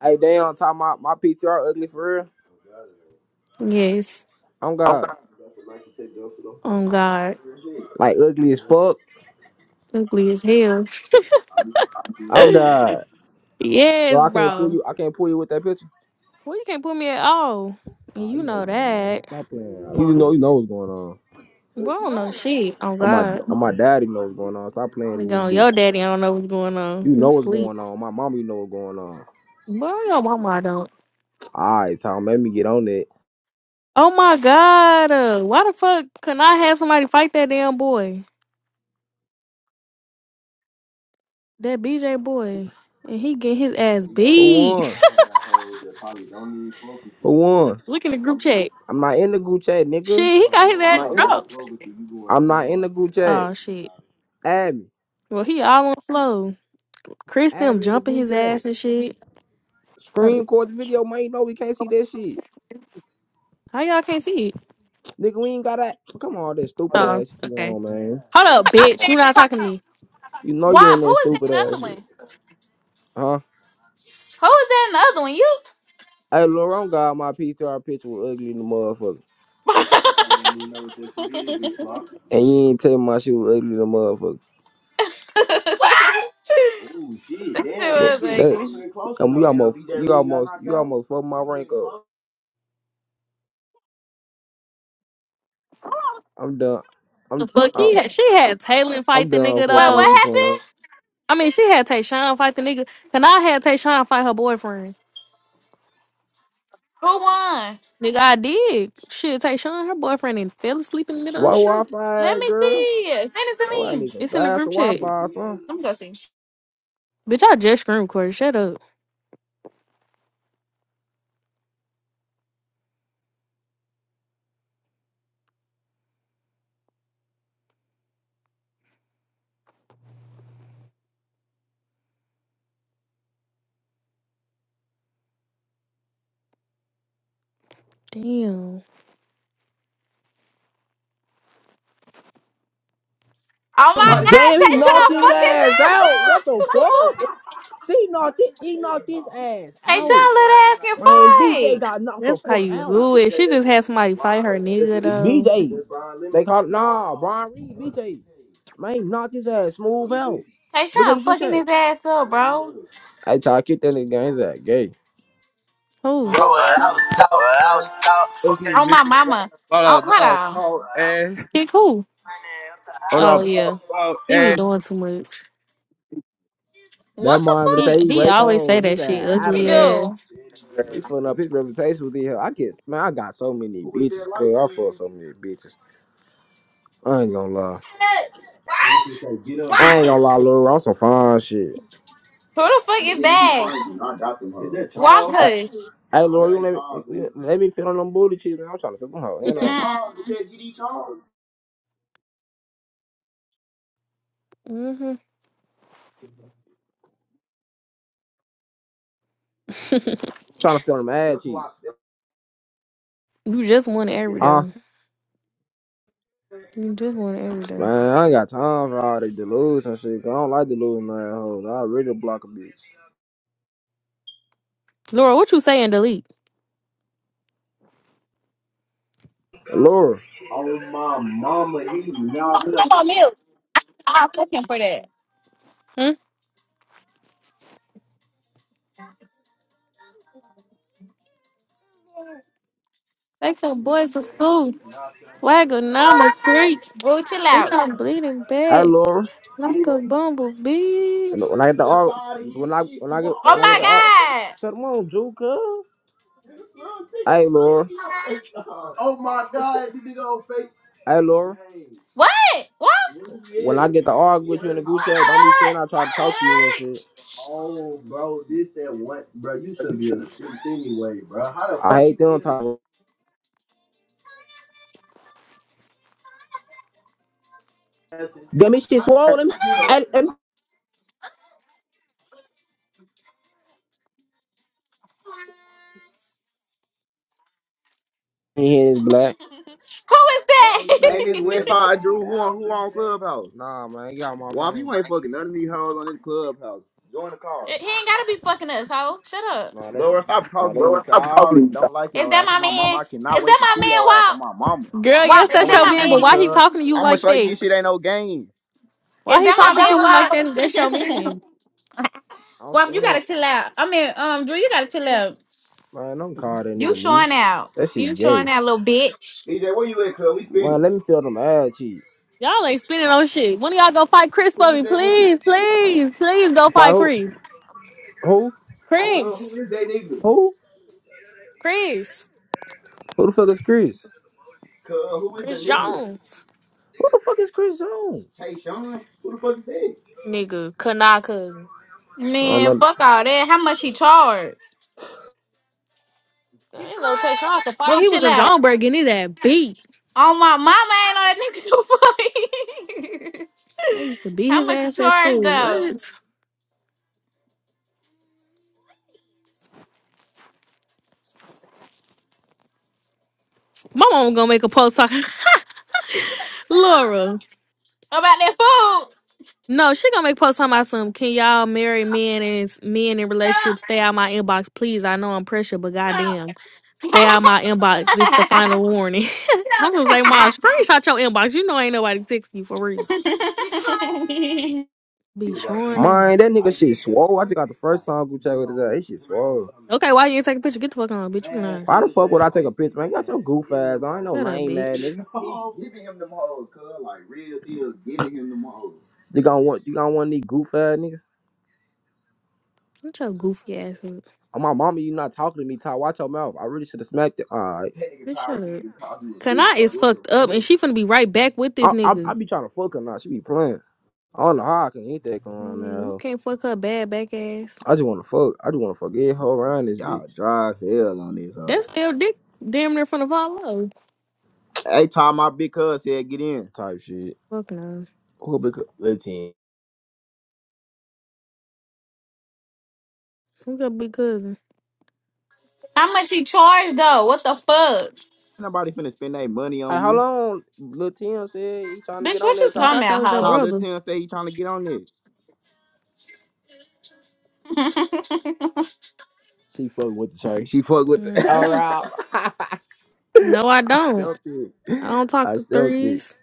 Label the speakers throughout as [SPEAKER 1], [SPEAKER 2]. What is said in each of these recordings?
[SPEAKER 1] Hey, damn, talking about my PTR ugly for real.
[SPEAKER 2] Yes.
[SPEAKER 1] I'm God.
[SPEAKER 2] Oh God.
[SPEAKER 1] Like ugly as fuck.
[SPEAKER 2] Ugly as hell.
[SPEAKER 1] I'm God. So
[SPEAKER 2] Yes,
[SPEAKER 1] I can't pull
[SPEAKER 2] bro.
[SPEAKER 1] you. I can't pull you with that picture.
[SPEAKER 2] Well you can't put me at all. And
[SPEAKER 1] Ah, you
[SPEAKER 2] you
[SPEAKER 1] know
[SPEAKER 2] know
[SPEAKER 1] what's going on.
[SPEAKER 2] that.
[SPEAKER 1] Stop playing. You know, you know what's going on.
[SPEAKER 2] Bro, I don't know shit. Oh
[SPEAKER 1] I'm my,
[SPEAKER 2] God.
[SPEAKER 1] I'm my daddy knows what's going on. Stop playing in this
[SPEAKER 2] Nigga on your
[SPEAKER 1] bitch.
[SPEAKER 2] daddy, I don't know what's going
[SPEAKER 1] You
[SPEAKER 2] on. You
[SPEAKER 1] know what's
[SPEAKER 2] sleep.
[SPEAKER 1] going on. My mama, you know what's going on.
[SPEAKER 2] Bro, your mama I don't.
[SPEAKER 1] All right, Tom, let me get on that.
[SPEAKER 2] Oh my god. Uh, why the fuck can I have somebody fight that damn boy? That BJ boy. And he get his ass
[SPEAKER 1] Who
[SPEAKER 2] beat.
[SPEAKER 1] won? Who won?
[SPEAKER 2] Look in the group chat.
[SPEAKER 1] I'm not in the group chat,
[SPEAKER 2] Shit,
[SPEAKER 1] nigga.
[SPEAKER 2] he got his ass dropped.
[SPEAKER 1] I'm not in the group chat.
[SPEAKER 2] Oh shit.
[SPEAKER 1] Add me.
[SPEAKER 2] Well he all on the flow. Chris
[SPEAKER 1] Add
[SPEAKER 2] them
[SPEAKER 1] me in the
[SPEAKER 2] jumping
[SPEAKER 1] group
[SPEAKER 2] his
[SPEAKER 1] chat.
[SPEAKER 2] ass and shit.
[SPEAKER 1] Screen record the video, man. You know we can't see that shit.
[SPEAKER 2] How y'all can't see it?
[SPEAKER 1] Nigga, we ain't got that. Come on, that stupid
[SPEAKER 2] Oh,
[SPEAKER 1] ass shit you
[SPEAKER 2] okay.
[SPEAKER 1] on, man.
[SPEAKER 2] Hold up, bitch. You not talking to me.
[SPEAKER 1] You know you
[SPEAKER 3] Why?
[SPEAKER 1] on that
[SPEAKER 3] Who is that
[SPEAKER 1] stupid
[SPEAKER 3] another
[SPEAKER 1] ass
[SPEAKER 3] one?
[SPEAKER 1] shit. Huh?
[SPEAKER 3] Who is that another one? You?
[SPEAKER 1] Hey, Laurent got my PTR picture was ugly in the motherfucker. Well, she probably don't even know what that shit
[SPEAKER 3] what?
[SPEAKER 1] is, big clock. And you ain't tell me my shit was ugly in the motherfucker. Ooh, shit,
[SPEAKER 3] That shit
[SPEAKER 1] damn, That- she
[SPEAKER 3] was
[SPEAKER 1] getting that-
[SPEAKER 3] ugly. Wait,
[SPEAKER 1] closer and closer. Come, you almost, you almost, you almost fucked my rank up. I'm done.
[SPEAKER 2] The
[SPEAKER 1] I'm,
[SPEAKER 2] fuck?
[SPEAKER 1] i
[SPEAKER 2] He had, she had Taylor
[SPEAKER 1] I'm
[SPEAKER 2] fight the
[SPEAKER 1] done
[SPEAKER 2] nigga
[SPEAKER 1] fucking with
[SPEAKER 2] though.
[SPEAKER 3] what
[SPEAKER 1] you,
[SPEAKER 3] happened?
[SPEAKER 1] Queen.
[SPEAKER 2] I mean, she had Tayshawn fight the nigga. And I had Tayshawn fight her boyfriend.
[SPEAKER 3] Who won?
[SPEAKER 2] Nigga, I did. Shit, Tayshawn, her boyfriend, and fell asleep in the middle
[SPEAKER 1] Slow
[SPEAKER 2] of the street.
[SPEAKER 1] Wi-Fi,
[SPEAKER 3] Let me
[SPEAKER 1] girl.
[SPEAKER 3] see. Send it to
[SPEAKER 1] That's why I
[SPEAKER 3] me.
[SPEAKER 1] need some
[SPEAKER 2] It's in the
[SPEAKER 1] faster
[SPEAKER 2] group chat.
[SPEAKER 1] Wi-Fi, son.
[SPEAKER 3] Let me go see.
[SPEAKER 2] Bitch, I just scream recorded. Shut up. Damn.
[SPEAKER 3] Oh my God,
[SPEAKER 1] Damn, he knocked
[SPEAKER 3] Tayshawn,
[SPEAKER 1] his
[SPEAKER 3] fuck this
[SPEAKER 1] ass
[SPEAKER 3] ass
[SPEAKER 1] out. What the
[SPEAKER 3] up.
[SPEAKER 1] fuck? She knocked it. He knocked his ass out.
[SPEAKER 3] Tayshawn, let ass get
[SPEAKER 1] Man, BJ got knocked the
[SPEAKER 2] That's how
[SPEAKER 1] fuck
[SPEAKER 2] you
[SPEAKER 1] out.
[SPEAKER 2] do it. She just had somebody fight her nigga though.
[SPEAKER 1] BJ. They called nah, Brian Reed, BJ. Man, knocked his ass smooth out.
[SPEAKER 3] fight.
[SPEAKER 1] Look in
[SPEAKER 3] Tayshawn,
[SPEAKER 1] the group
[SPEAKER 3] fucking
[SPEAKER 1] chat.
[SPEAKER 3] his ass up, bro.
[SPEAKER 1] I thought I kicked that nigga gang. He's like, gay.
[SPEAKER 2] Who?
[SPEAKER 4] Bro, I was taught, I was taught.
[SPEAKER 3] Oh
[SPEAKER 4] Fucking
[SPEAKER 3] my
[SPEAKER 4] nigga,
[SPEAKER 3] mama. Oh,
[SPEAKER 4] blah, blah,
[SPEAKER 3] hold
[SPEAKER 4] blah,
[SPEAKER 3] on.
[SPEAKER 4] talk ass.
[SPEAKER 2] Kick who?
[SPEAKER 4] Hold
[SPEAKER 2] Oh
[SPEAKER 4] up,
[SPEAKER 2] yeah.
[SPEAKER 4] blah,
[SPEAKER 2] He be
[SPEAKER 4] blah,
[SPEAKER 2] doing too much.
[SPEAKER 1] That
[SPEAKER 3] What the
[SPEAKER 1] man gonna
[SPEAKER 2] He
[SPEAKER 1] say
[SPEAKER 3] fuck?
[SPEAKER 1] he
[SPEAKER 2] he
[SPEAKER 1] rape
[SPEAKER 2] always say
[SPEAKER 1] hoes. His
[SPEAKER 2] that
[SPEAKER 1] ass
[SPEAKER 2] shit
[SPEAKER 1] out
[SPEAKER 3] He
[SPEAKER 1] of
[SPEAKER 2] ugly
[SPEAKER 3] do.
[SPEAKER 1] there.
[SPEAKER 2] ass.
[SPEAKER 1] He fucking up his reputation with his hell. I get man, I got so many bitches. Cause I fuck so many bitches. I ain't gonna lie. That shit say get up, I ain't gonna lie, Lil. I'm some fine shit.
[SPEAKER 3] Who the fuck
[SPEAKER 1] And the
[SPEAKER 3] is
[SPEAKER 1] nigga who
[SPEAKER 3] that?
[SPEAKER 1] finds you, I got them. Is that
[SPEAKER 3] Why
[SPEAKER 1] Charles? I,
[SPEAKER 3] push?
[SPEAKER 1] hey, Lil, you let me you- let me feel on them booty cheeks, man. I'm trying to suck them hoe, you Is that know. Charles?
[SPEAKER 3] Mm-mm.
[SPEAKER 1] Is that GD Charles? trying to feel them ad That's who I. cheeks.
[SPEAKER 2] You just won
[SPEAKER 1] yeah.
[SPEAKER 2] every
[SPEAKER 1] Huh?
[SPEAKER 2] day. You just won every day.
[SPEAKER 1] Man, I ain't got time for all this delusion shit. 'cause I don't like delusion, man. Hoes. I really block a bitch.
[SPEAKER 2] Laura, what you saying? Delete.
[SPEAKER 1] Lil, Oh my mama, he knocked up.
[SPEAKER 3] I'm on mute. I'm looking for that.
[SPEAKER 2] Hmm? Take your
[SPEAKER 1] He
[SPEAKER 2] boys to school.
[SPEAKER 1] knocked your ass
[SPEAKER 2] Flag a number three.
[SPEAKER 3] Bro, chill
[SPEAKER 2] Bitch,
[SPEAKER 3] out.
[SPEAKER 2] I'm bleeding
[SPEAKER 1] out. hey,
[SPEAKER 2] bad.
[SPEAKER 1] Lil.
[SPEAKER 2] Like a bumblebee.
[SPEAKER 1] When, when I get the That's arc, when I when I get
[SPEAKER 3] Oh
[SPEAKER 1] when I
[SPEAKER 3] my
[SPEAKER 1] get the arc, bro.
[SPEAKER 3] god.
[SPEAKER 1] shut them on, Juka. Hey, Laura. Oh my god, this nigga on fake. Hey, Laura. Hey,
[SPEAKER 3] What? What?
[SPEAKER 1] When I get the arc with you in the his group chat, don't be
[SPEAKER 3] What?
[SPEAKER 1] saying I try to talk to you and
[SPEAKER 3] What?
[SPEAKER 1] shit. Oh, bro, this that one, bro. You shouldn't be in the streets anyway, bro. How the I fuck hate them get type. of Damn, this shit swole. Let me. you get I, let me. Hear this black.
[SPEAKER 3] Who is
[SPEAKER 1] Bro,
[SPEAKER 3] that?
[SPEAKER 1] you Man, ain't this Westside Drew, who yeah, on who on Clubhouse? Nah, man, y'all my Wop, man. you ain't fucking none of these hoes on this clubhouse. Join the car.
[SPEAKER 3] he ain't gotta be fucking us, ho. Shut up.
[SPEAKER 1] Nah, that's Laura, stop talking to me, cause I already don't like
[SPEAKER 3] Is
[SPEAKER 1] your
[SPEAKER 3] that
[SPEAKER 1] ass.
[SPEAKER 3] my
[SPEAKER 1] On my mama,
[SPEAKER 3] man?
[SPEAKER 1] I cannot
[SPEAKER 3] Is
[SPEAKER 1] wait to
[SPEAKER 3] that
[SPEAKER 1] see
[SPEAKER 3] my
[SPEAKER 1] your ass on my
[SPEAKER 3] man,
[SPEAKER 1] mama.
[SPEAKER 2] Girl,
[SPEAKER 1] I
[SPEAKER 3] Wop?
[SPEAKER 2] yes,
[SPEAKER 3] Wop, is
[SPEAKER 1] cannot
[SPEAKER 2] that's
[SPEAKER 3] that
[SPEAKER 1] wait
[SPEAKER 2] your
[SPEAKER 1] to
[SPEAKER 3] my
[SPEAKER 1] see
[SPEAKER 2] man,
[SPEAKER 3] man?
[SPEAKER 2] but
[SPEAKER 1] you,
[SPEAKER 2] why he
[SPEAKER 1] cuz.
[SPEAKER 2] talking to you
[SPEAKER 1] I'ma
[SPEAKER 2] like
[SPEAKER 1] show you
[SPEAKER 2] that?
[SPEAKER 1] this shit ain't no game.
[SPEAKER 3] Is
[SPEAKER 2] Why he
[SPEAKER 3] that my
[SPEAKER 2] talking to
[SPEAKER 3] man,
[SPEAKER 2] you like
[SPEAKER 3] Wop?
[SPEAKER 2] that if that's your man?
[SPEAKER 1] I'm
[SPEAKER 3] Wop, you gotta
[SPEAKER 1] saying,
[SPEAKER 3] chill out. I mean, um, Drew, you gotta chill out.
[SPEAKER 1] man, don't call that
[SPEAKER 3] You
[SPEAKER 1] nigga me.
[SPEAKER 3] showing out.
[SPEAKER 1] That shit
[SPEAKER 3] You showing
[SPEAKER 1] gay.
[SPEAKER 3] out, little bitch.
[SPEAKER 1] DJ, where you at, cuz? We spinning. Man, let me feel them ad cheeks.
[SPEAKER 2] Y'all ain't spinning on shit. When y'all go fight Chris
[SPEAKER 1] Who
[SPEAKER 2] for
[SPEAKER 1] is
[SPEAKER 2] me?
[SPEAKER 1] that nigga?
[SPEAKER 2] Please, please, please go
[SPEAKER 1] Fight
[SPEAKER 2] fight
[SPEAKER 1] who?
[SPEAKER 2] Chris.
[SPEAKER 1] Who? Cuz, who
[SPEAKER 2] Chris.
[SPEAKER 1] is that nigga? Who?
[SPEAKER 2] Chris.
[SPEAKER 1] Who the fuck is Chris? Cuz, who is the
[SPEAKER 2] Chris
[SPEAKER 1] nigga?
[SPEAKER 2] Jones.
[SPEAKER 1] Who the fuck is Chris Jones? Tayshawn? Who the fuck is that?
[SPEAKER 2] Nigga. Kanaka.
[SPEAKER 1] I don't
[SPEAKER 3] Man,
[SPEAKER 1] know.
[SPEAKER 3] fuck all that. How much he charged?
[SPEAKER 2] I didn't know Tayshawn could fight.
[SPEAKER 3] Bro,
[SPEAKER 2] He was
[SPEAKER 3] chill
[SPEAKER 2] in
[SPEAKER 3] out.
[SPEAKER 2] Johnburg getting that beat.
[SPEAKER 3] Oh my mama ain't on that nigga no food.
[SPEAKER 2] They used to beat
[SPEAKER 3] How
[SPEAKER 2] his
[SPEAKER 3] much you
[SPEAKER 2] ass at
[SPEAKER 3] charge
[SPEAKER 2] school.
[SPEAKER 3] though?
[SPEAKER 2] What? My mom gonna make a post talking Laura.
[SPEAKER 3] About that food.
[SPEAKER 2] No, she gonna make a post talking about some. Can y'all marry men and men in relationships? Stay out my inbox, please. I know I'm pressure, but goddamn, stay out my inbox. This the final warning. I'm gonna say, mom, screenshot your inbox. You know ain't nobody texting you for real. Be showing out.
[SPEAKER 1] Mind that nigga shit swole. I just got the first time group chat with his ass. He shit swole.
[SPEAKER 2] Okay, why you ain't take a picture? Get the fuck on, bitch. You lying.
[SPEAKER 1] Why the fuck would I take a picture, man? You Got your goof ass. I ain't no
[SPEAKER 2] Shut up,
[SPEAKER 1] lame ass
[SPEAKER 2] bitch.
[SPEAKER 1] nigga. He giving him them hoes, cuz. Like, real deal, giving him them hoes. You gonna want you gonna want these goof ass niggas?
[SPEAKER 2] Get your goofy ass up.
[SPEAKER 1] Oh, my mama, you not talking to me, Ty. Watch your mouth. I really should have smacked it. Alright. That nigga
[SPEAKER 2] Bitch, shut
[SPEAKER 1] Tyra King
[SPEAKER 2] up.
[SPEAKER 1] just called you a
[SPEAKER 2] Kana
[SPEAKER 1] bitch. Like,
[SPEAKER 2] is
[SPEAKER 1] what the
[SPEAKER 2] fucked up and she
[SPEAKER 1] fuck?
[SPEAKER 2] finna be right back with this
[SPEAKER 1] I, I
[SPEAKER 2] nigga.
[SPEAKER 1] I be trying to fuck her now. She be playing. I don't know how I can eat that going on
[SPEAKER 2] Man,
[SPEAKER 1] now.
[SPEAKER 2] you can't fuck her bad back ass.
[SPEAKER 1] I just wanna fuck. I just wanna fuck every hoe around this Y'all bitch. drive hell on this hoe.
[SPEAKER 2] That's still dick damn near finna fall off.
[SPEAKER 1] Hey, Tom, my big cuz said get in. Type shit.
[SPEAKER 2] Fuck no.
[SPEAKER 1] Who big cuz? Lil Tim? Ain't
[SPEAKER 2] Who's your big cousin?
[SPEAKER 3] How much he charge though? What the fuck?
[SPEAKER 1] nobody finna spend their money Hey, on hold you. on. Lil Tim said he trying to get
[SPEAKER 3] Bitch,
[SPEAKER 1] on
[SPEAKER 3] what you
[SPEAKER 1] that
[SPEAKER 2] I
[SPEAKER 1] Ty.
[SPEAKER 3] talking
[SPEAKER 2] thought that was your
[SPEAKER 1] Ty.
[SPEAKER 3] about,
[SPEAKER 1] Little
[SPEAKER 2] brother.
[SPEAKER 1] Tim say he trying to get on it.
[SPEAKER 3] hoe?
[SPEAKER 1] She fuck with the church. She fuck with All the.
[SPEAKER 2] Mm-mm.
[SPEAKER 1] right.
[SPEAKER 2] No, I
[SPEAKER 1] I
[SPEAKER 2] don't.
[SPEAKER 1] stealthed
[SPEAKER 2] I
[SPEAKER 1] it.
[SPEAKER 2] don't talk
[SPEAKER 1] I
[SPEAKER 2] to
[SPEAKER 1] stealthed it.
[SPEAKER 2] threes.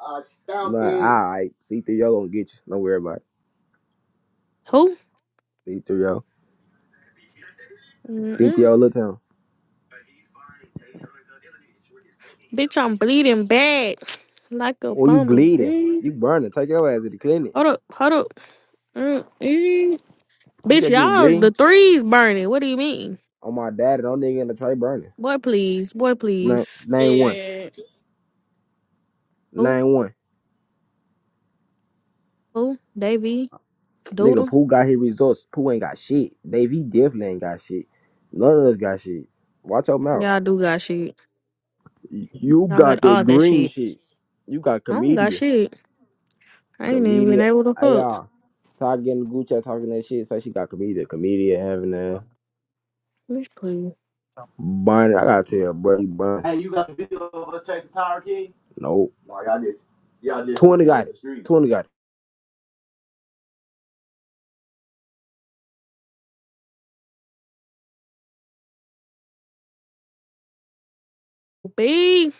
[SPEAKER 1] I stopped Nah, it. all right. See through yo gonna get you. Don't worry about it.
[SPEAKER 2] Who?
[SPEAKER 1] See through yo. See through
[SPEAKER 2] Mm-mm.
[SPEAKER 1] yo, Lil Tim.
[SPEAKER 2] Bitch, I'm bleeding bad. Like a
[SPEAKER 1] Or you bleeding.
[SPEAKER 2] bumblebee.
[SPEAKER 1] You burning. Take your ass to the clinic.
[SPEAKER 2] Hold up, hold up. Mm-mm.
[SPEAKER 1] You
[SPEAKER 2] Bitch,
[SPEAKER 1] said you were
[SPEAKER 2] y'all, the
[SPEAKER 1] bleeding?
[SPEAKER 2] threes burning. What do you mean?
[SPEAKER 1] On my daddy, no nigga in the tray burning.
[SPEAKER 2] Boy, please. Boy,
[SPEAKER 1] Nine,
[SPEAKER 2] please.
[SPEAKER 1] nine one.
[SPEAKER 3] yeah.
[SPEAKER 2] Boo,
[SPEAKER 1] Nine one.
[SPEAKER 2] boo, Davy. Doodle.
[SPEAKER 1] Nigga, Pooh got his results. Pooh ain't got shit. Baby, he definitely ain't got shit. None of us got shit. Watch your mouth.
[SPEAKER 2] Y'all do got shit.
[SPEAKER 1] Y- You
[SPEAKER 2] Y'all got
[SPEAKER 1] got
[SPEAKER 2] all
[SPEAKER 1] that
[SPEAKER 2] that
[SPEAKER 1] green
[SPEAKER 2] shit.
[SPEAKER 1] shit. You got
[SPEAKER 2] I don't got
[SPEAKER 1] comedia.
[SPEAKER 2] shit. I ain't even been
[SPEAKER 1] Comedia.
[SPEAKER 2] able to
[SPEAKER 1] Hey,
[SPEAKER 2] fuck.
[SPEAKER 1] y'all. Talking in the Gucci, talking that shit. Say she got comedia. Comedia having that.
[SPEAKER 2] Bitch, please.
[SPEAKER 1] Barney, I gotta tell bro, you Barney. Hey, you got the video of us taking Tyra King? Nope. No, y'all just y'all just Twenty shoot got it. Twenty got it.
[SPEAKER 2] B.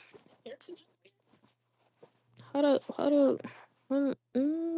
[SPEAKER 2] Hold up. Hold up. Mm-mm.